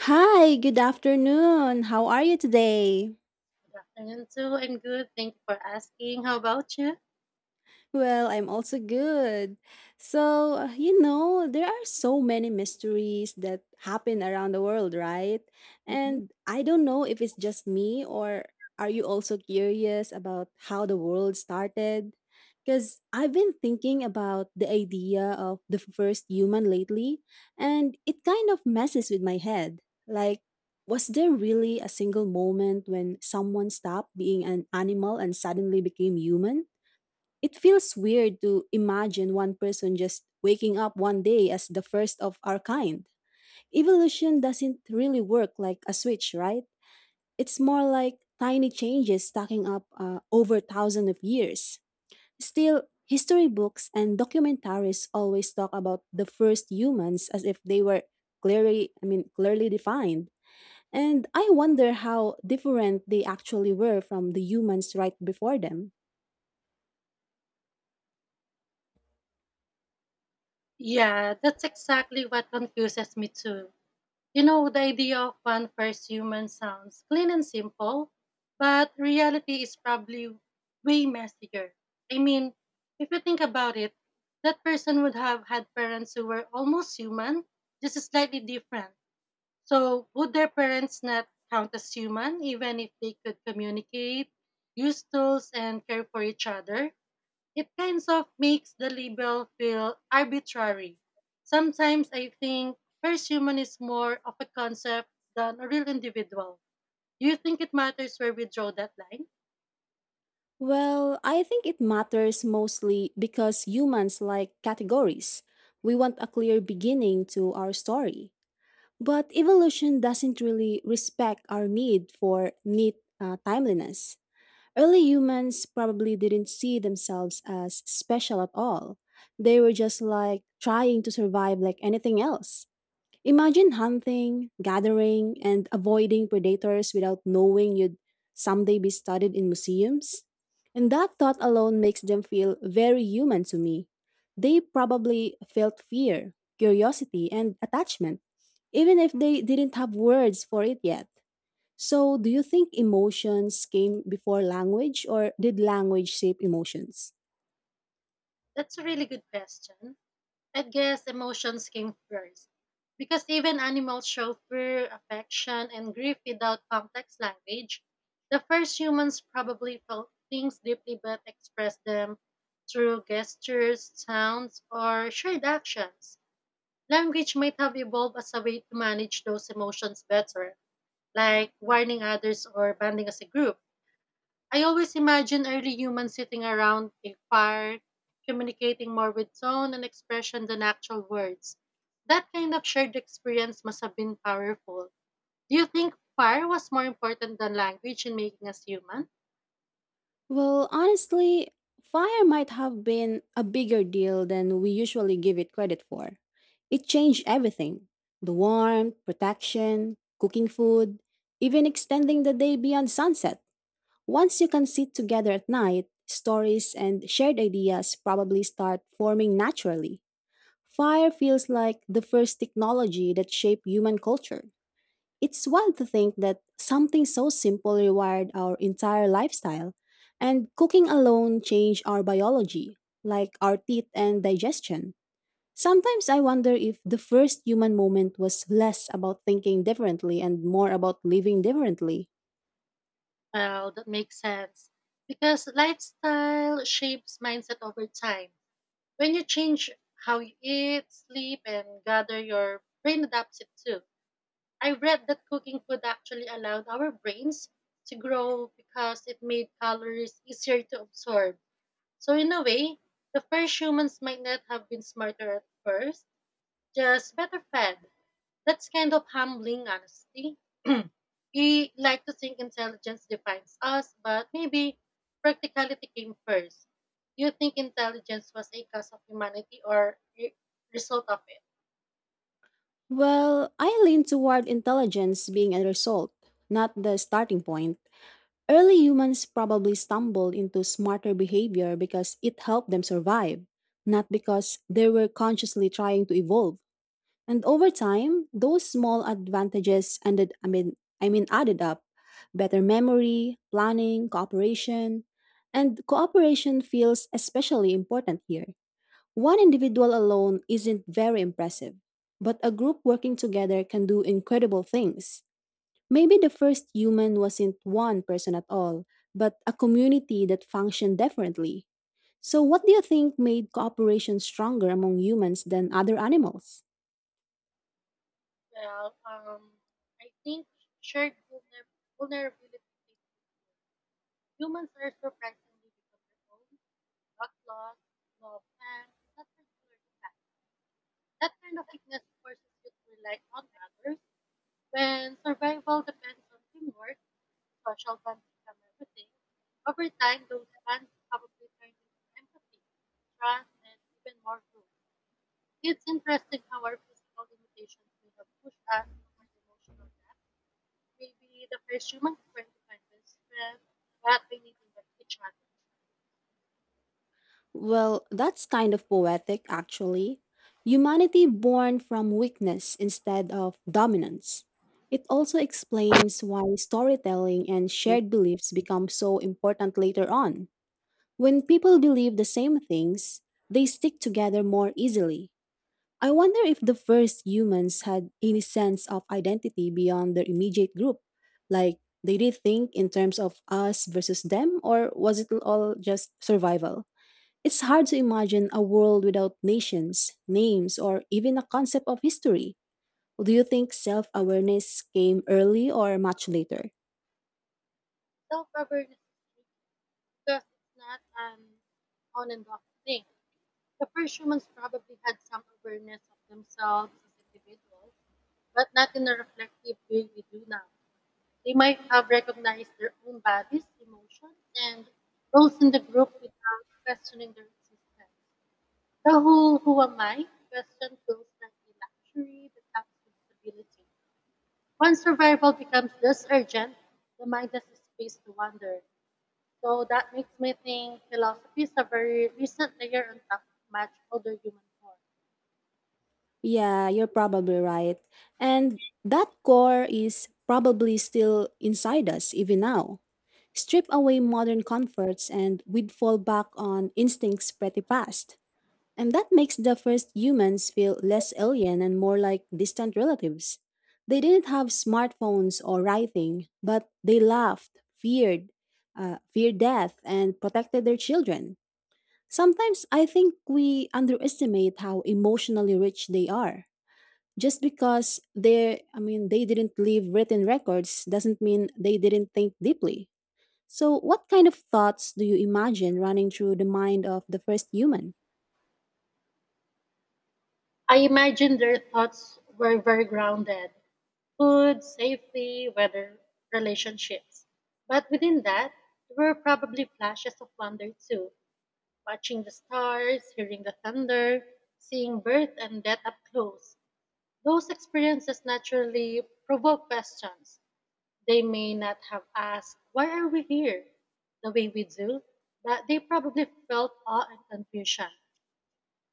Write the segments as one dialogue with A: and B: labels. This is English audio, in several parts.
A: Hi, good afternoon. How are you today?
B: Good afternoon too. I'm good. Thank you for asking. How about you?
A: Well, I'm also good. So, there are so many mysteries that happen around the world, right?
B: Mhm.
A: And I don't know if it's just me or are you also curious about how the world started? Because I've been thinking about the idea of the first human lately, and it kind of messes with my head. Like, was there really a single moment when someone stopped being an animal and suddenly became human? It feels weird to imagine one person just waking up one day as the first of our kind. Evolution doesn't really work like a switch, right? It's more like tiny changes stacking up over thousands of years. Still, history books and documentaries always talk about the first humans as if they were I mean, clearly defined. And I wonder how different they actually were from the humans right before them.
B: Yeah, that's exactly what confuses me too. You know, the idea of one first human sounds clean and simple, but reality is probably way messier. I mean, if you think about it, that person would have had parents who were almost human, just slightly different. So, would their parents not count as human, even if they could communicate, use tools, and care for each other? It kind of makes the label feel arbitrary. Sometimes I think first human is more of a concept than a real individual. Do you think it matters where we draw that line?
A: Well, I think it matters mostly because humans like categories. We want a clear beginning to our story. But evolution doesn't really respect our need for neat timeliness. Early humans probably didn't see themselves as special at all. They were just like trying to survive like anything else. Imagine hunting, gathering, and avoiding predators without knowing you'd someday be studied in museums. And that thought alone makes them feel very human to me. They probably felt fear, curiosity, and attachment, even if they didn't have words for it yet. So, do you think emotions came before language, or did language shape emotions?
B: That's a really good question. I guess emotions came first. Because even animals show fear, affection, and grief without complex language. The first humans probably felt things deeply but expressed them through gestures, sounds, or shared actions. Language might have evolved as a way to manage those emotions better, like warning others or banding as a group. I always imagine early humans sitting around a fire, communicating more with tone and expression than actual words. That kind of shared experience must have been powerful. Do you think fire was more important than language in making us human?
A: Well, honestly, fire might have been a bigger deal than we usually give it credit for. It changed everything, the warmth, protection, cooking food, even extending the day beyond sunset. Once you can sit together at night, stories and shared ideas probably start forming naturally. Fire feels like the first technology that shaped human culture. It's wild to think that something so simple rewired our entire lifestyle, and cooking alone changed our biology, like our teeth and digestion. Sometimes I wonder if the first human moment was less about thinking differently and more about living differently.
B: Well, that makes sense. Because lifestyle shapes mindset over time. When you change how you eat, sleep, and gather, your brain adapts it too. I read that cooking food actually allowed our brains to grow because it made calories easier to absorb. So, in a way, the first humans might not have been smarter at first, just better fed. That's kind of humbling, honestly. We like to think intelligence defines us, but maybe practicality came first. Do you think intelligence was a cause of humanity or a result of it?
A: Well, I lean toward intelligence being a result, not the starting point. Early humans probably stumbled into smarter behavior because it helped them survive, not because they were consciously trying to evolve. And over time, those small advantages ended I mean added up. Better memory, planning, cooperation, and cooperation feels especially important here. One individual alone isn't very impressive, but a group working together can do incredible things. Maybe the first human wasn't one person at all, but a community that functioned differently. So, what do you think made cooperation stronger among humans than other animals?
B: Well, um, I think shared vulnerability. Humans are surprisingly because their own luck, loss, love, and not particular to fact. That kind of weakness forces you to rely on others when survival depends on teamwork social bonds become everything, over time those bonds probably turn into empathy, trust, and even more hope. It's interesting how our physical limitations may have pushed us toward emotional depth. Maybe the first humans weren't defined by strength, but by living with each other.
A: Well, that's kind of poetic, actually. Humanity born from weakness instead of dominance. It also explains why storytelling and shared beliefs become so important later on. When people believe the same things, they stick together more easily. I wonder if the first humans had any sense of identity beyond their immediate group. Like, did they think in terms of us versus them, or was it all just survival? It's hard to imagine a world without nations, names, or even a concept of history. Do you think self awareness came early or much later?
B: Self-awareness is key because it's not an on and off thing. The first humans probably had some awareness of themselves as individuals, but not in a reflective way we do now. They might have recognized their own bodies, emotions, and roles in the group without questioning their existence. The whole who am I question feels like a luxury that comes with stability. Once survival becomes this urgent, the mind has space to wander. So that makes me think philosophy is a very recent layer on top of much older human form.
A: Yeah, you're probably right. And that core is probably still inside us even now. Strip away modern comforts and we'd fall back on instincts pretty fast. And that makes the first humans feel less alien and more like distant relatives. They didn't have smartphones or writing, but they laughed, feared death, and protected their children. Sometimes I think we underestimate how emotionally rich they are just because they I mean they didn't leave written records doesn't mean they didn't think deeply. So what kind of thoughts do you imagine running through the mind of the first human?
B: I imagine their thoughts were very grounded food, safety, weather, relationships. But within that, there were probably flashes of wonder too, watching the stars, hearing the thunder, seeing birth and death up close. Those experiences naturally provoke questions. They may not have asked, why are we here the way we do, but they probably felt awe and confusion.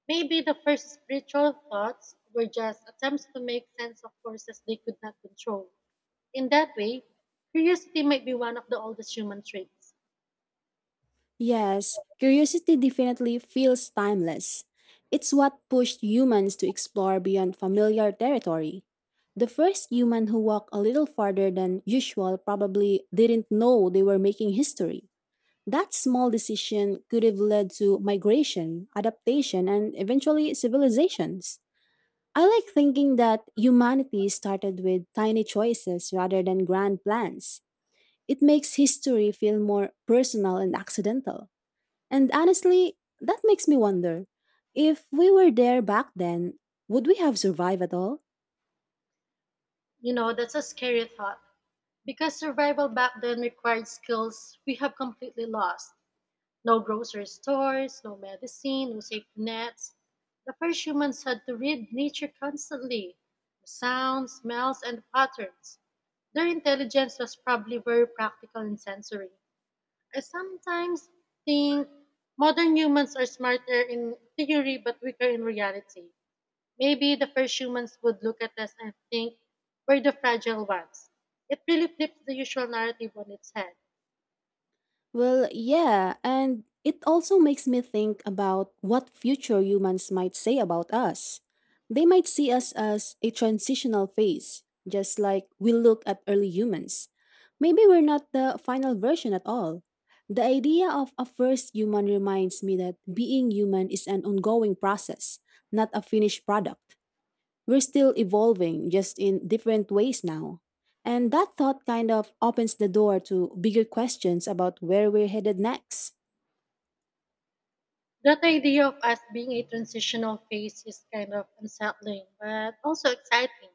B: Maybe the first spiritual thoughts were just attempts to make sense of forces they could not control. In that way, curiosity might be one of the oldest human traits.
A: Yes, curiosity definitely feels timeless. It's what pushed humans to explore beyond familiar territory. The first human who walked a little farther than usual probably didn't know they were making history. That small decision could have led to migration, adaptation, and eventually civilizations. I like thinking that humanity started with tiny choices rather than grand plans. It makes history feel more personal and accidental. And honestly, that makes me wonder, if we were there back then, would we have survived at all?
B: You know, that's a scary thought. Because survival back then required skills we have completely lost. No grocery stores, no medicine, no safety nets. The first humans had to read nature constantly the sounds, smells, and patterns. Their intelligence was probably very practical and sensory. I sometimes think modern humans are smarter in theory but weaker in reality. Maybe the first humans would look at us and think we're the fragile ones. It really flips the usual narrative on its head.
A: Well, yeah, and it also makes me think about what future humans might say about us. They might see us as a transitional phase, just like we look at early humans. Maybe we're not the final version at all. The idea of a first human reminds me that being human is an ongoing process, not a finished product. We're still evolving, just in different ways now. And that thought kind of opens the door to bigger questions about where we're headed next.
B: That idea of us being a transitional phase is kind of unsettling but also exciting.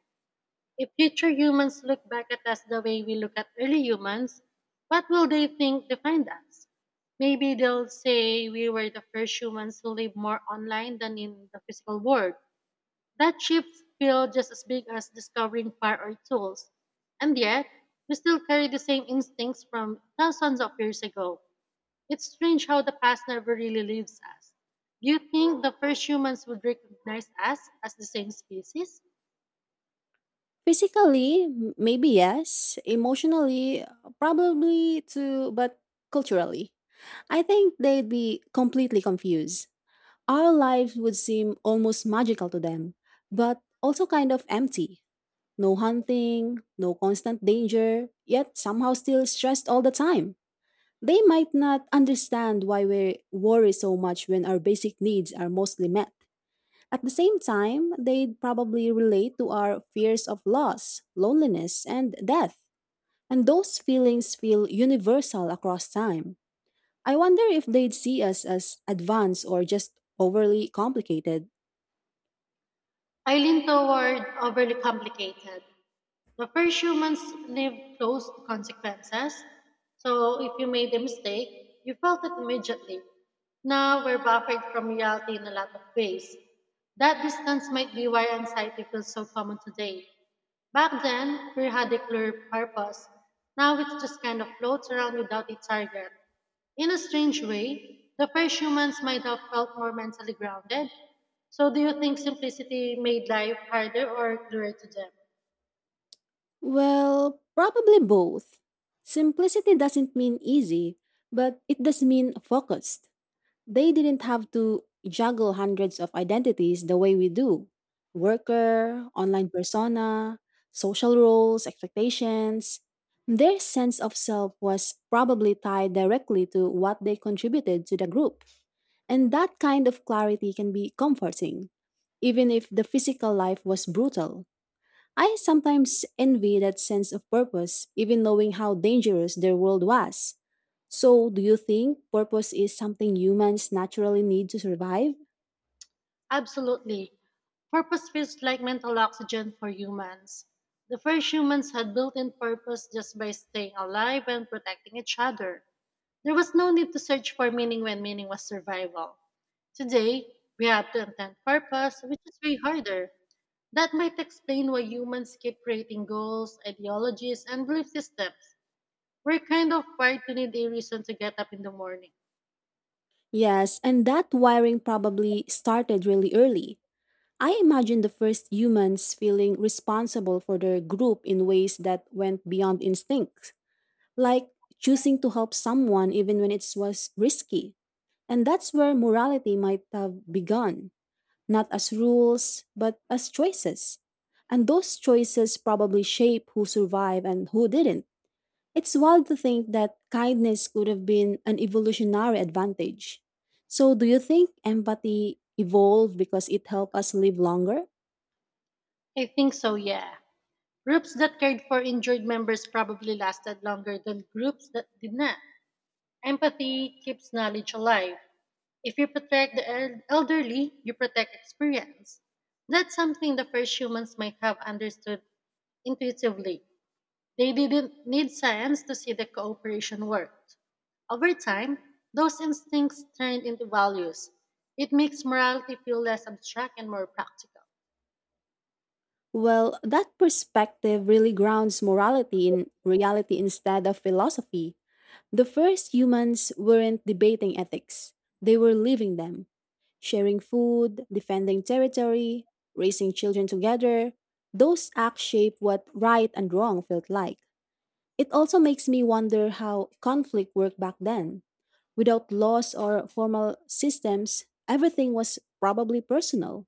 B: If future humans look back at us the way we look at early humans, what will they think defined us? Maybe they'll say we were the first humans who lived more online than in the physical world. That shift feels just as big as discovering fire or tools. And yet, we still carry the same instincts from thousands of years ago. It's strange how the past never really leaves us. Do you think the first humans would recognize us as the same species?
A: Physically, maybe yes. Emotionally, probably too, but culturally, I think they'd be completely confused. Our lives would seem almost magical to them, but also kind of empty. No hunting, no constant danger, yet somehow still stressed all the time. They might not understand why we worry so much when our basic needs are mostly met. At the same time, they'd probably relate to our fears of loss, loneliness, and death. And those feelings feel universal across time. I wonder if they'd see us as advanced or just overly complicated.
B: I lean toward overly complicated. The first humans lived close to consequences, so if you made a mistake, you felt it immediately. Now we're buffered from reality in a lot of ways. That distance might be why anxiety feels so common today. Back then, fear had a clear purpose. Now it just kind of floats around without a target. In a strange way, the first humans might have felt more mentally grounded. So, do you think simplicity made life harder or clearer to them?
A: Well, probably both. Simplicity doesn't mean easy, but it does mean focused. They didn't have to juggle hundreds of identities the way we do, worker, online persona, social roles, expectations. Their sense of self was probably tied directly to what they contributed to the group. And that kind of clarity can be comforting, even if the physical life was brutal. I sometimes envy that sense of purpose, even knowing how dangerous their world was. So, do you think purpose is something humans naturally need to survive?
B: Absolutely. Purpose feels like mental oxygen for humans. The first humans had built in purpose just by staying alive and protecting each other. There was no need to search for meaning when meaning was survival. Today, we have to intend purpose, which is way harder. That might explain why humans keep creating goals, ideologies, and belief systems. We're kind of wired to need a reason to get up in the morning.
A: Yes, and that wiring probably started really early. I imagine the first humans feeling responsible for their group in ways that went beyond instincts, like choosing to help someone even when it was risky. And that's where morality might have begun, not as rules, but as choices. And those choices probably shape who survived and who didn't. It's wild to think that kindness could have been an evolutionary advantage. So, do you think empathy evolved because it helped us live longer?
B: I think so, yeah. Groups that cared for injured members probably lasted longer than groups that did not. Empathy keeps knowledge alive. If you protect the elderly, you protect experience. That's something the first humans might have understood intuitively. They didn't need science to see that cooperation worked. Over time, those instincts turned into values. It makes morality feel less abstract and more practical.
A: Well, that perspective really grounds morality in reality instead of philosophy. The first humans weren't debating ethics, they were living them, sharing food, defending territory, raising children together. Those acts shape what right and wrong felt like. It also makes me wonder how conflict worked back then. Without laws or formal systems, everything was probably personal.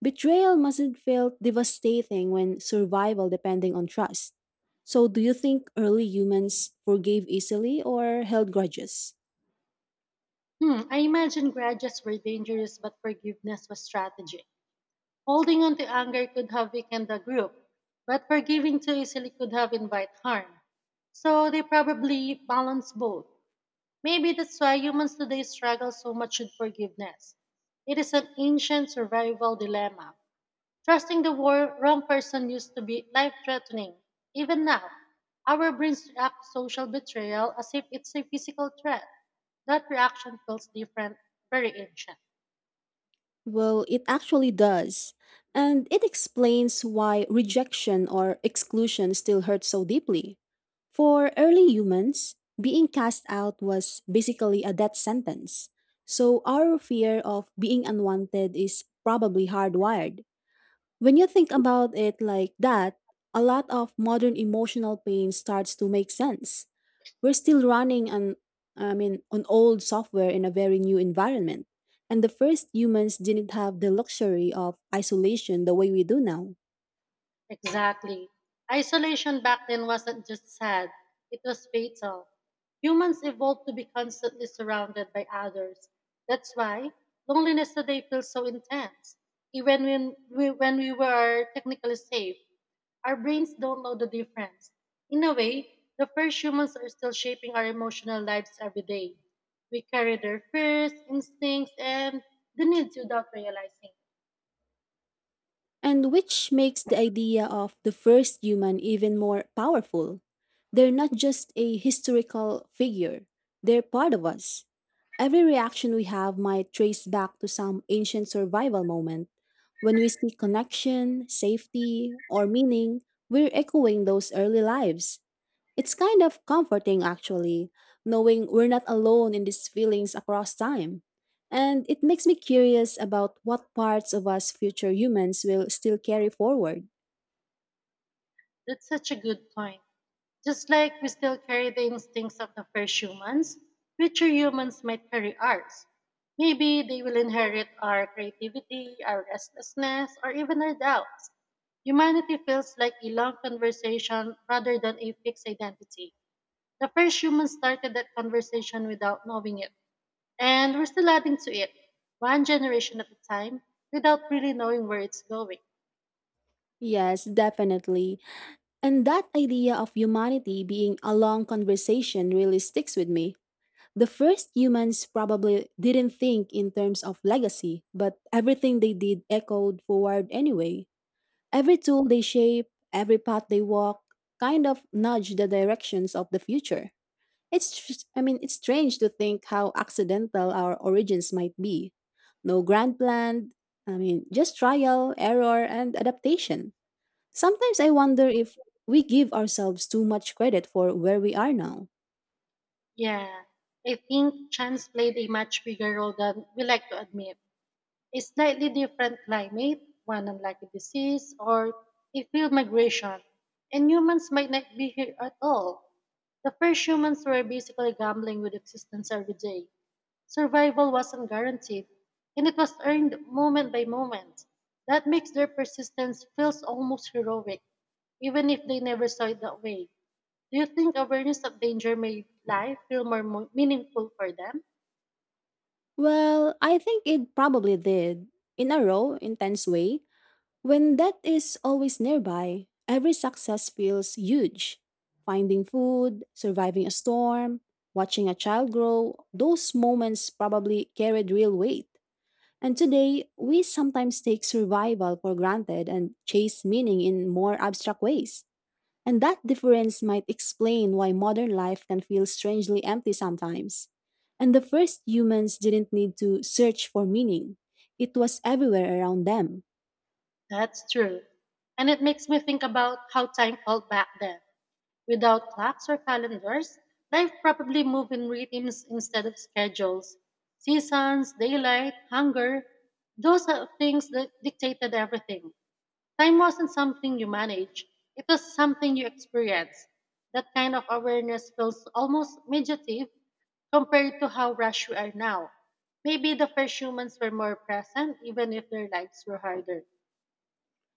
A: Betrayal mustn't feel devastating when survival depending on trust. So do you think early humans forgave easily or held grudges?
B: Hmm, I imagine grudges were dangerous, but forgiveness was strategic. Holding on to anger could have weakened the group, but forgiving too easily could have invite harm. So they probably balance both. Maybe that's why humans today struggle so much with forgiveness. It is an ancient survival dilemma. Trusting the wrong person used to be life threatening. Even now, our brains react to social betrayal as if it's a physical threat. That reaction feels different, very ancient.
A: Well, it actually does. And it explains why rejection or exclusion still hurts so deeply. For early humans, being cast out was basically a death sentence. So our fear of being unwanted is probably hardwired. When you think about it like that, a lot of modern emotional pain starts to make sense. We're still running on I mean on old software in a very new environment. And the first humans didn't have the luxury of isolation the way we do now.
B: Exactly. Isolation back then wasn't just sad, it was fatal. Humans evolved to be constantly surrounded by others. That's why loneliness today feels so intense. Even when we were technically safe, our brains don't know the difference. In a way, the first humans are still shaping our emotional lives every day. We carry their fears, instincts, and the needs without realizing it.
A: And which makes the idea of the first human even more powerful. They're not just a historical figure, they're part of us. Every reaction we have might trace back to some ancient survival moment. When we seek connection, safety, or meaning, we're echoing those early lives. It's kind of comforting, actually, knowing we're not alone in these feelings across time. And it makes me curious about what parts of us future humans will still carry forward.
B: That's such a good point. Just like we still carry the instincts of the first humans, future humans might carry ours. Maybe they will inherit our creativity, our restlessness, or even our doubts. Humanity feels like a long conversation rather than a fixed identity. The first humans started that conversation without knowing it, and we're still adding to it, one generation at a time, without really knowing where it's going.
A: Yes, definitely. And that idea of humanity being a long conversation really sticks with me. The first humans probably didn't think in terms of legacy, but everything they did echoed forward anyway. Every tool they shape, every path they walk, kind of nudge the directions of the future. I mean, it's strange to think how accidental our origins might be. No grand plan, I mean, just trial, error, and adaptation. Sometimes I wonder if we give ourselves too much credit for where we are now.
B: Yeah, I think chance played a much bigger role than we like to admit. A slightly different climate, one unlikely disease, or a field migration, and humans might not be here at all. The first humans were basically gambling with existence every day. Survival wasn't guaranteed, and it was earned moment by moment. That makes their persistence feels almost heroic, even if they never saw it that way. Do you think awareness of danger made life feel more meaningful for them?
A: Well, I think it probably did. In a raw, intense way, when death is always nearby, every success feels huge. Finding food, surviving a storm, watching a child grow, those moments probably carried real weight. And today, we sometimes take survival for granted and chase meaning in more abstract ways. And that difference might explain why modern life can feel strangely empty sometimes. And the first humans didn't need to search for meaning, it was everywhere around them.
B: That's true. And it makes me think about how time felt back then. Without clocks or calendars, life probably moved in rhythms instead of schedules. Seasons, daylight, hunger, those are things that dictated everything. Time wasn't something you managed, it was something you experienced. That kind of awareness feels almost meditative compared to how rushed we are now. Maybe the first humans were more present, even if their lives were harder.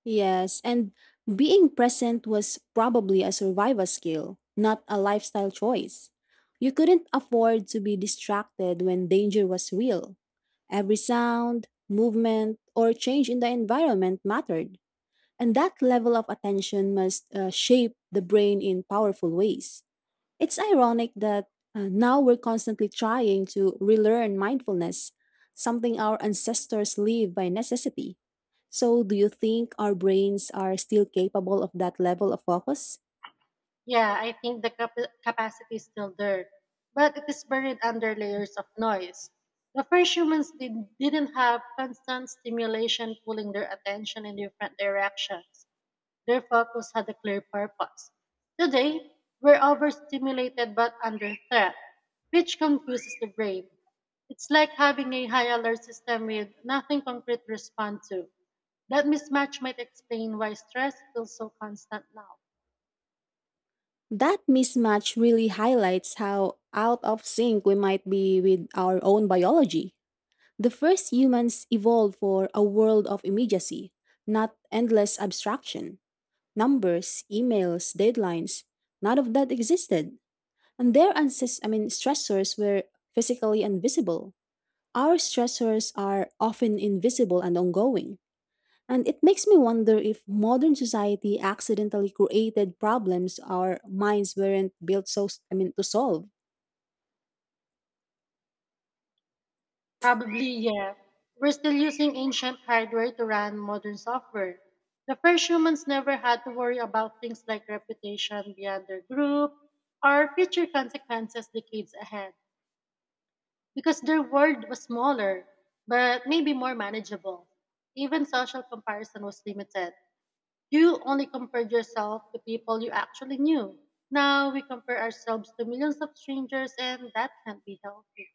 A: Yes, and being present was probably a survival skill, not a lifestyle choice. You couldn't afford to be distracted when danger was real. Every sound, movement, or change in the environment mattered. And that level of attention must shape the brain in powerful ways. It's ironic that now we're constantly trying to relearn mindfulness, something our ancestors live by necessity. So, do you think our brains are still capable of that level of focus?
B: Yeah, I think the capacity is still there, but it is buried under layers of noise. The first humans didn't have constant stimulation pulling their attention in different directions. Their focus had a clear purpose. Today, we're overstimulated but under threat, which confuses the brain. It's like having a high alert system with nothing concrete to respond to. That mismatch might explain why stress feels so constant now.
A: That mismatch really highlights how out of sync we might be with our own biology. The first humans evolved for a world of immediacy, not endless abstraction. Numbers, emails, deadlines, none of that existed. And their ancest- I mean, Stressors were physically invisible. Our stressors are often invisible and ongoing. And it makes me wonder if modern society accidentally created problems our minds weren't built to solve.
B: Probably, yeah. We're still using ancient hardware to run modern software. The first humans never had to worry about things like reputation beyond their group or future consequences decades ahead because their world was smaller, but maybe more manageable. Even social comparison was limited. You only compared yourself to people you actually knew. Now we compare ourselves to millions of strangers, and that can't be healthy.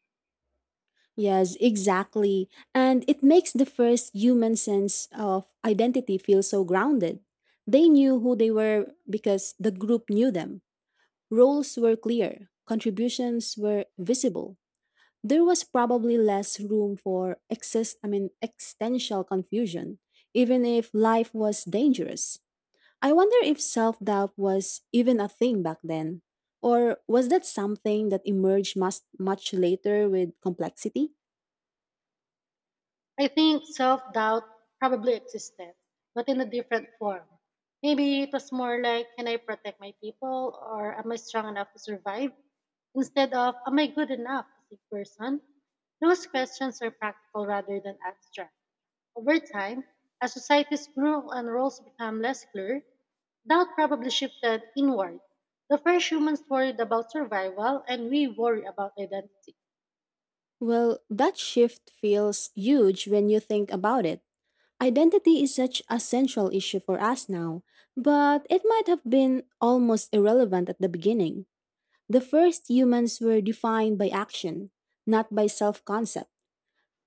A: Yes, exactly. And it makes the first human sense of identity feel so grounded. They knew who they were because the group knew them. Roles were clear, contributions were visible. There was probably less room for existential confusion, even if life was dangerous. I wonder if self doubt was even a thing back then, or was that something that emerged much, much later with complexity?
B: I think self doubt probably existed, but in a different form. Maybe it was more like, can I protect my people or am I strong enough to survive? Instead of, am I good enough as a person? Those questions are practical rather than abstract. Over time, as societies grew and roles became less clear, doubt probably shifted inward. The first humans worried about survival, and we worry about identity.
A: Well, that shift feels huge when you think about it. Identity is such a central issue for us now, but it might have been almost irrelevant at the beginning. The first humans were defined by action, not by self-concept.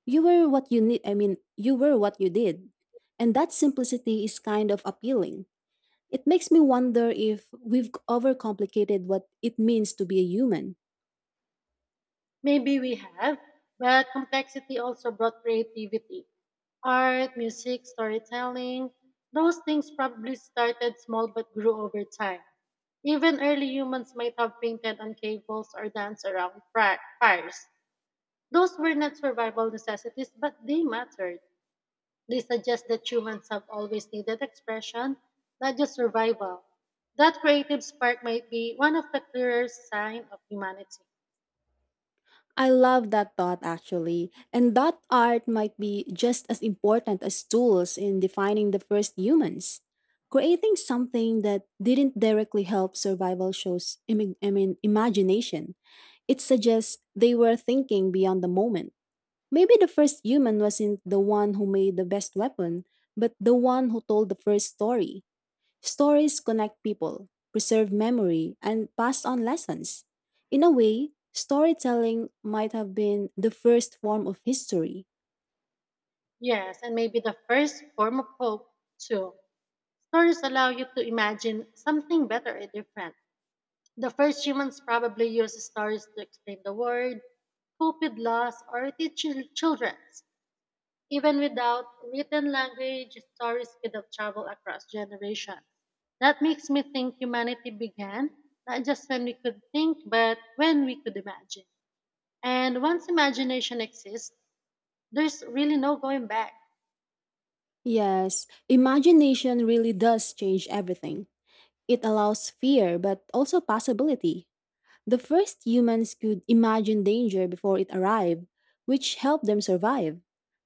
A: You were what you did. And that simplicity is kind of appealing. It makes me wonder if we've overcomplicated what it means to be a human.
B: Maybe we have, but complexity also brought creativity. Art, music, storytelling, those things probably started small but grew over time. Even early humans might have painted on cables or danced around fires. Those were not survival necessities, but they mattered. They suggest that humans have always needed expression, not just survival. That creative spark might be one of the clearest signs of humanity.
A: I love that thought actually. And that art might be just as important as tools in defining the first humans. Creating something that didn't directly help survival shows imagination. It suggests they were thinking beyond the moment. Maybe the first human wasn't the one who made the best weapon, but the one who told the first story. Stories connect people, preserve memory, and pass on lessons. In a way, storytelling might have been the first form of history.
B: Yes, and maybe the first form of hope, too. Stories allow you to imagine something better or different. The first humans probably used stories to explain the world, cope with loss, or teach children. Even without written language, stories could have traveled across generations. That makes me think humanity began not just when we could think, but when we could imagine. And once imagination exists, there's really no going back.
A: Yes, imagination really does change everything. It allows fear, but also possibility. The first humans could imagine danger before it arrived, which helped them survive.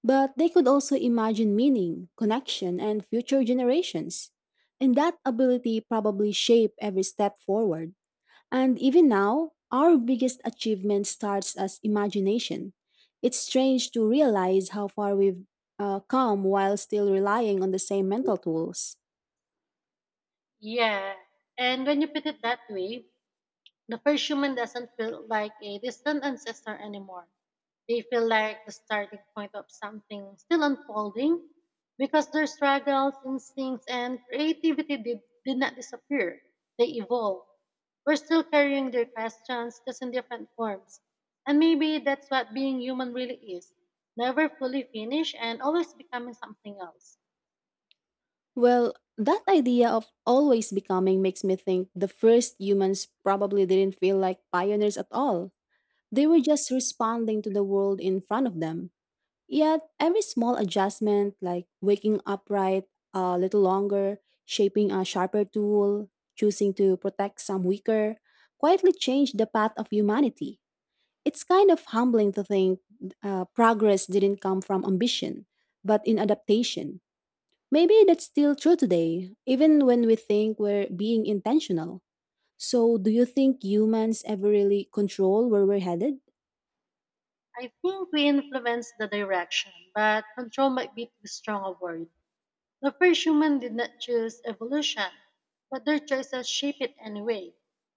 A: But they could also imagine meaning, connection, and future generations. And that ability probably shaped every step forward. And even now, our biggest achievement starts as imagination. It's strange to realize how far we've come while still relying on the same mental tools.
B: Yeah. And when you put it that way, the first human doesn't feel like a distant ancestor anymore. They feel like the starting point of something still unfolding because their struggles, instincts, and creativity did not disappear. They evolved. We're still carrying their questions just in different forms. And maybe that's what being human really is never fully finished and always becoming something else.
A: Well, that idea of always becoming makes me think the first humans probably didn't feel like pioneers at all. They were just responding to the world in front of them. Yet, every small adjustment, like waking upright a little longer, shaping a sharper tool, choosing to protect some weaker, quietly changed the path of humanity. It's kind of humbling to think progress didn't come from ambition, but in adaptation. Maybe that's still true today, even when we think we're being intentional. So, do you think humans ever really control where we're headed?
B: I think we influence the direction, but control might be too strong a word. The first human did not choose evolution, but their choices shape it anyway.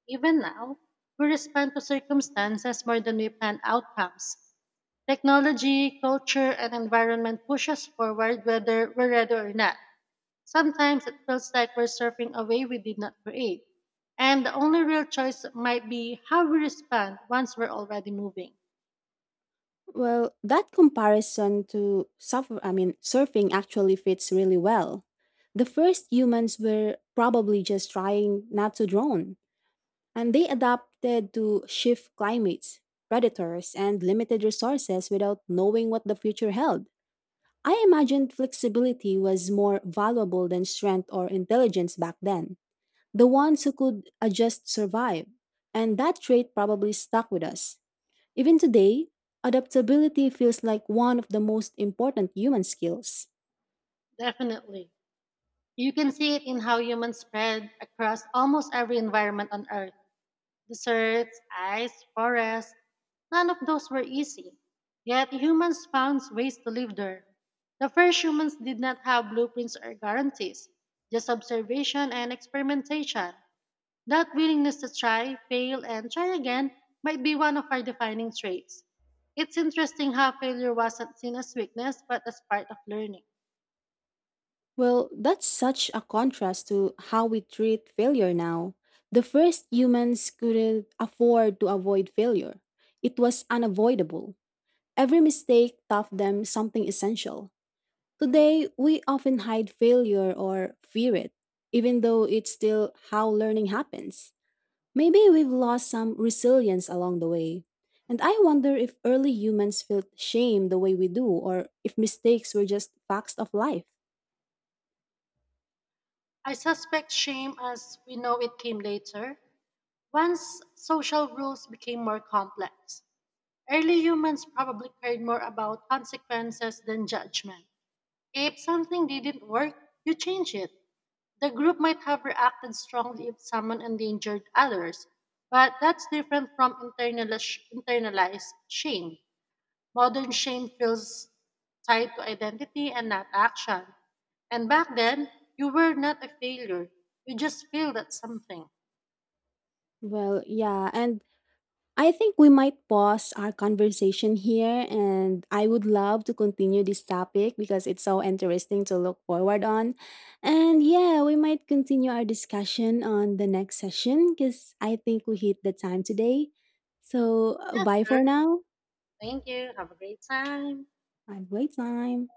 B: Even now, we respond to circumstances more than we plan outcomes. Technology, culture, and environment push us forward whether we're ready or not. Sometimes it feels like we're surfing a wave we did not create. And the only real choice might be how we respond once we're already moving.
A: Well, that comparison to suffer, I mean, surfing actually fits really well. The first humans were probably just trying not to drown, and they adapted to shift climates, predators, and limited resources without knowing what the future held. I imagined flexibility was more valuable than strength or intelligence back then. The ones who could adjust survived, and that trait probably stuck with us. Even today, adaptability feels like one of the most important human skills.
B: Definitely. You can see it in how humans spread across almost every environment on Earth deserts, ice, forests. None of those were easy. Yet humans found ways to live there. The first humans did not have blueprints or guarantees, just observation and experimentation. That willingness to try, fail, and try again might be one of our defining traits. It's interesting how failure wasn't seen as weakness but as part of learning.
A: Well, that's such a contrast to how we treat failure now. The first humans couldn't afford to avoid failure, it was unavoidable. Every mistake taught them something essential. Today, we often hide failure or fear it, even though it's still how learning happens. Maybe we've lost some resilience along the way. And I wonder if early humans felt shame the way we do, or if mistakes were just facts of life.
B: I suspect shame as we know it came later, once social rules became more complex. Early humans probably cared more about consequences than judgment. If something didn't work, you change it. The group might have reacted strongly if someone endangered others, but that's different from internalized shame. Modern shame feels tied to identity and not action. And back then, you were not a failure. You just failed at something.
A: Well, yeah, and I think we might pause our conversation here. And I would love to continue this topic because it's so interesting to look forward on. And yeah, we might continue our discussion on the next session because I think we hit the time today. So,
B: Yeah,
A: bye for
B: sure.
A: now
B: Thank you. Have a great time.
A: and great time.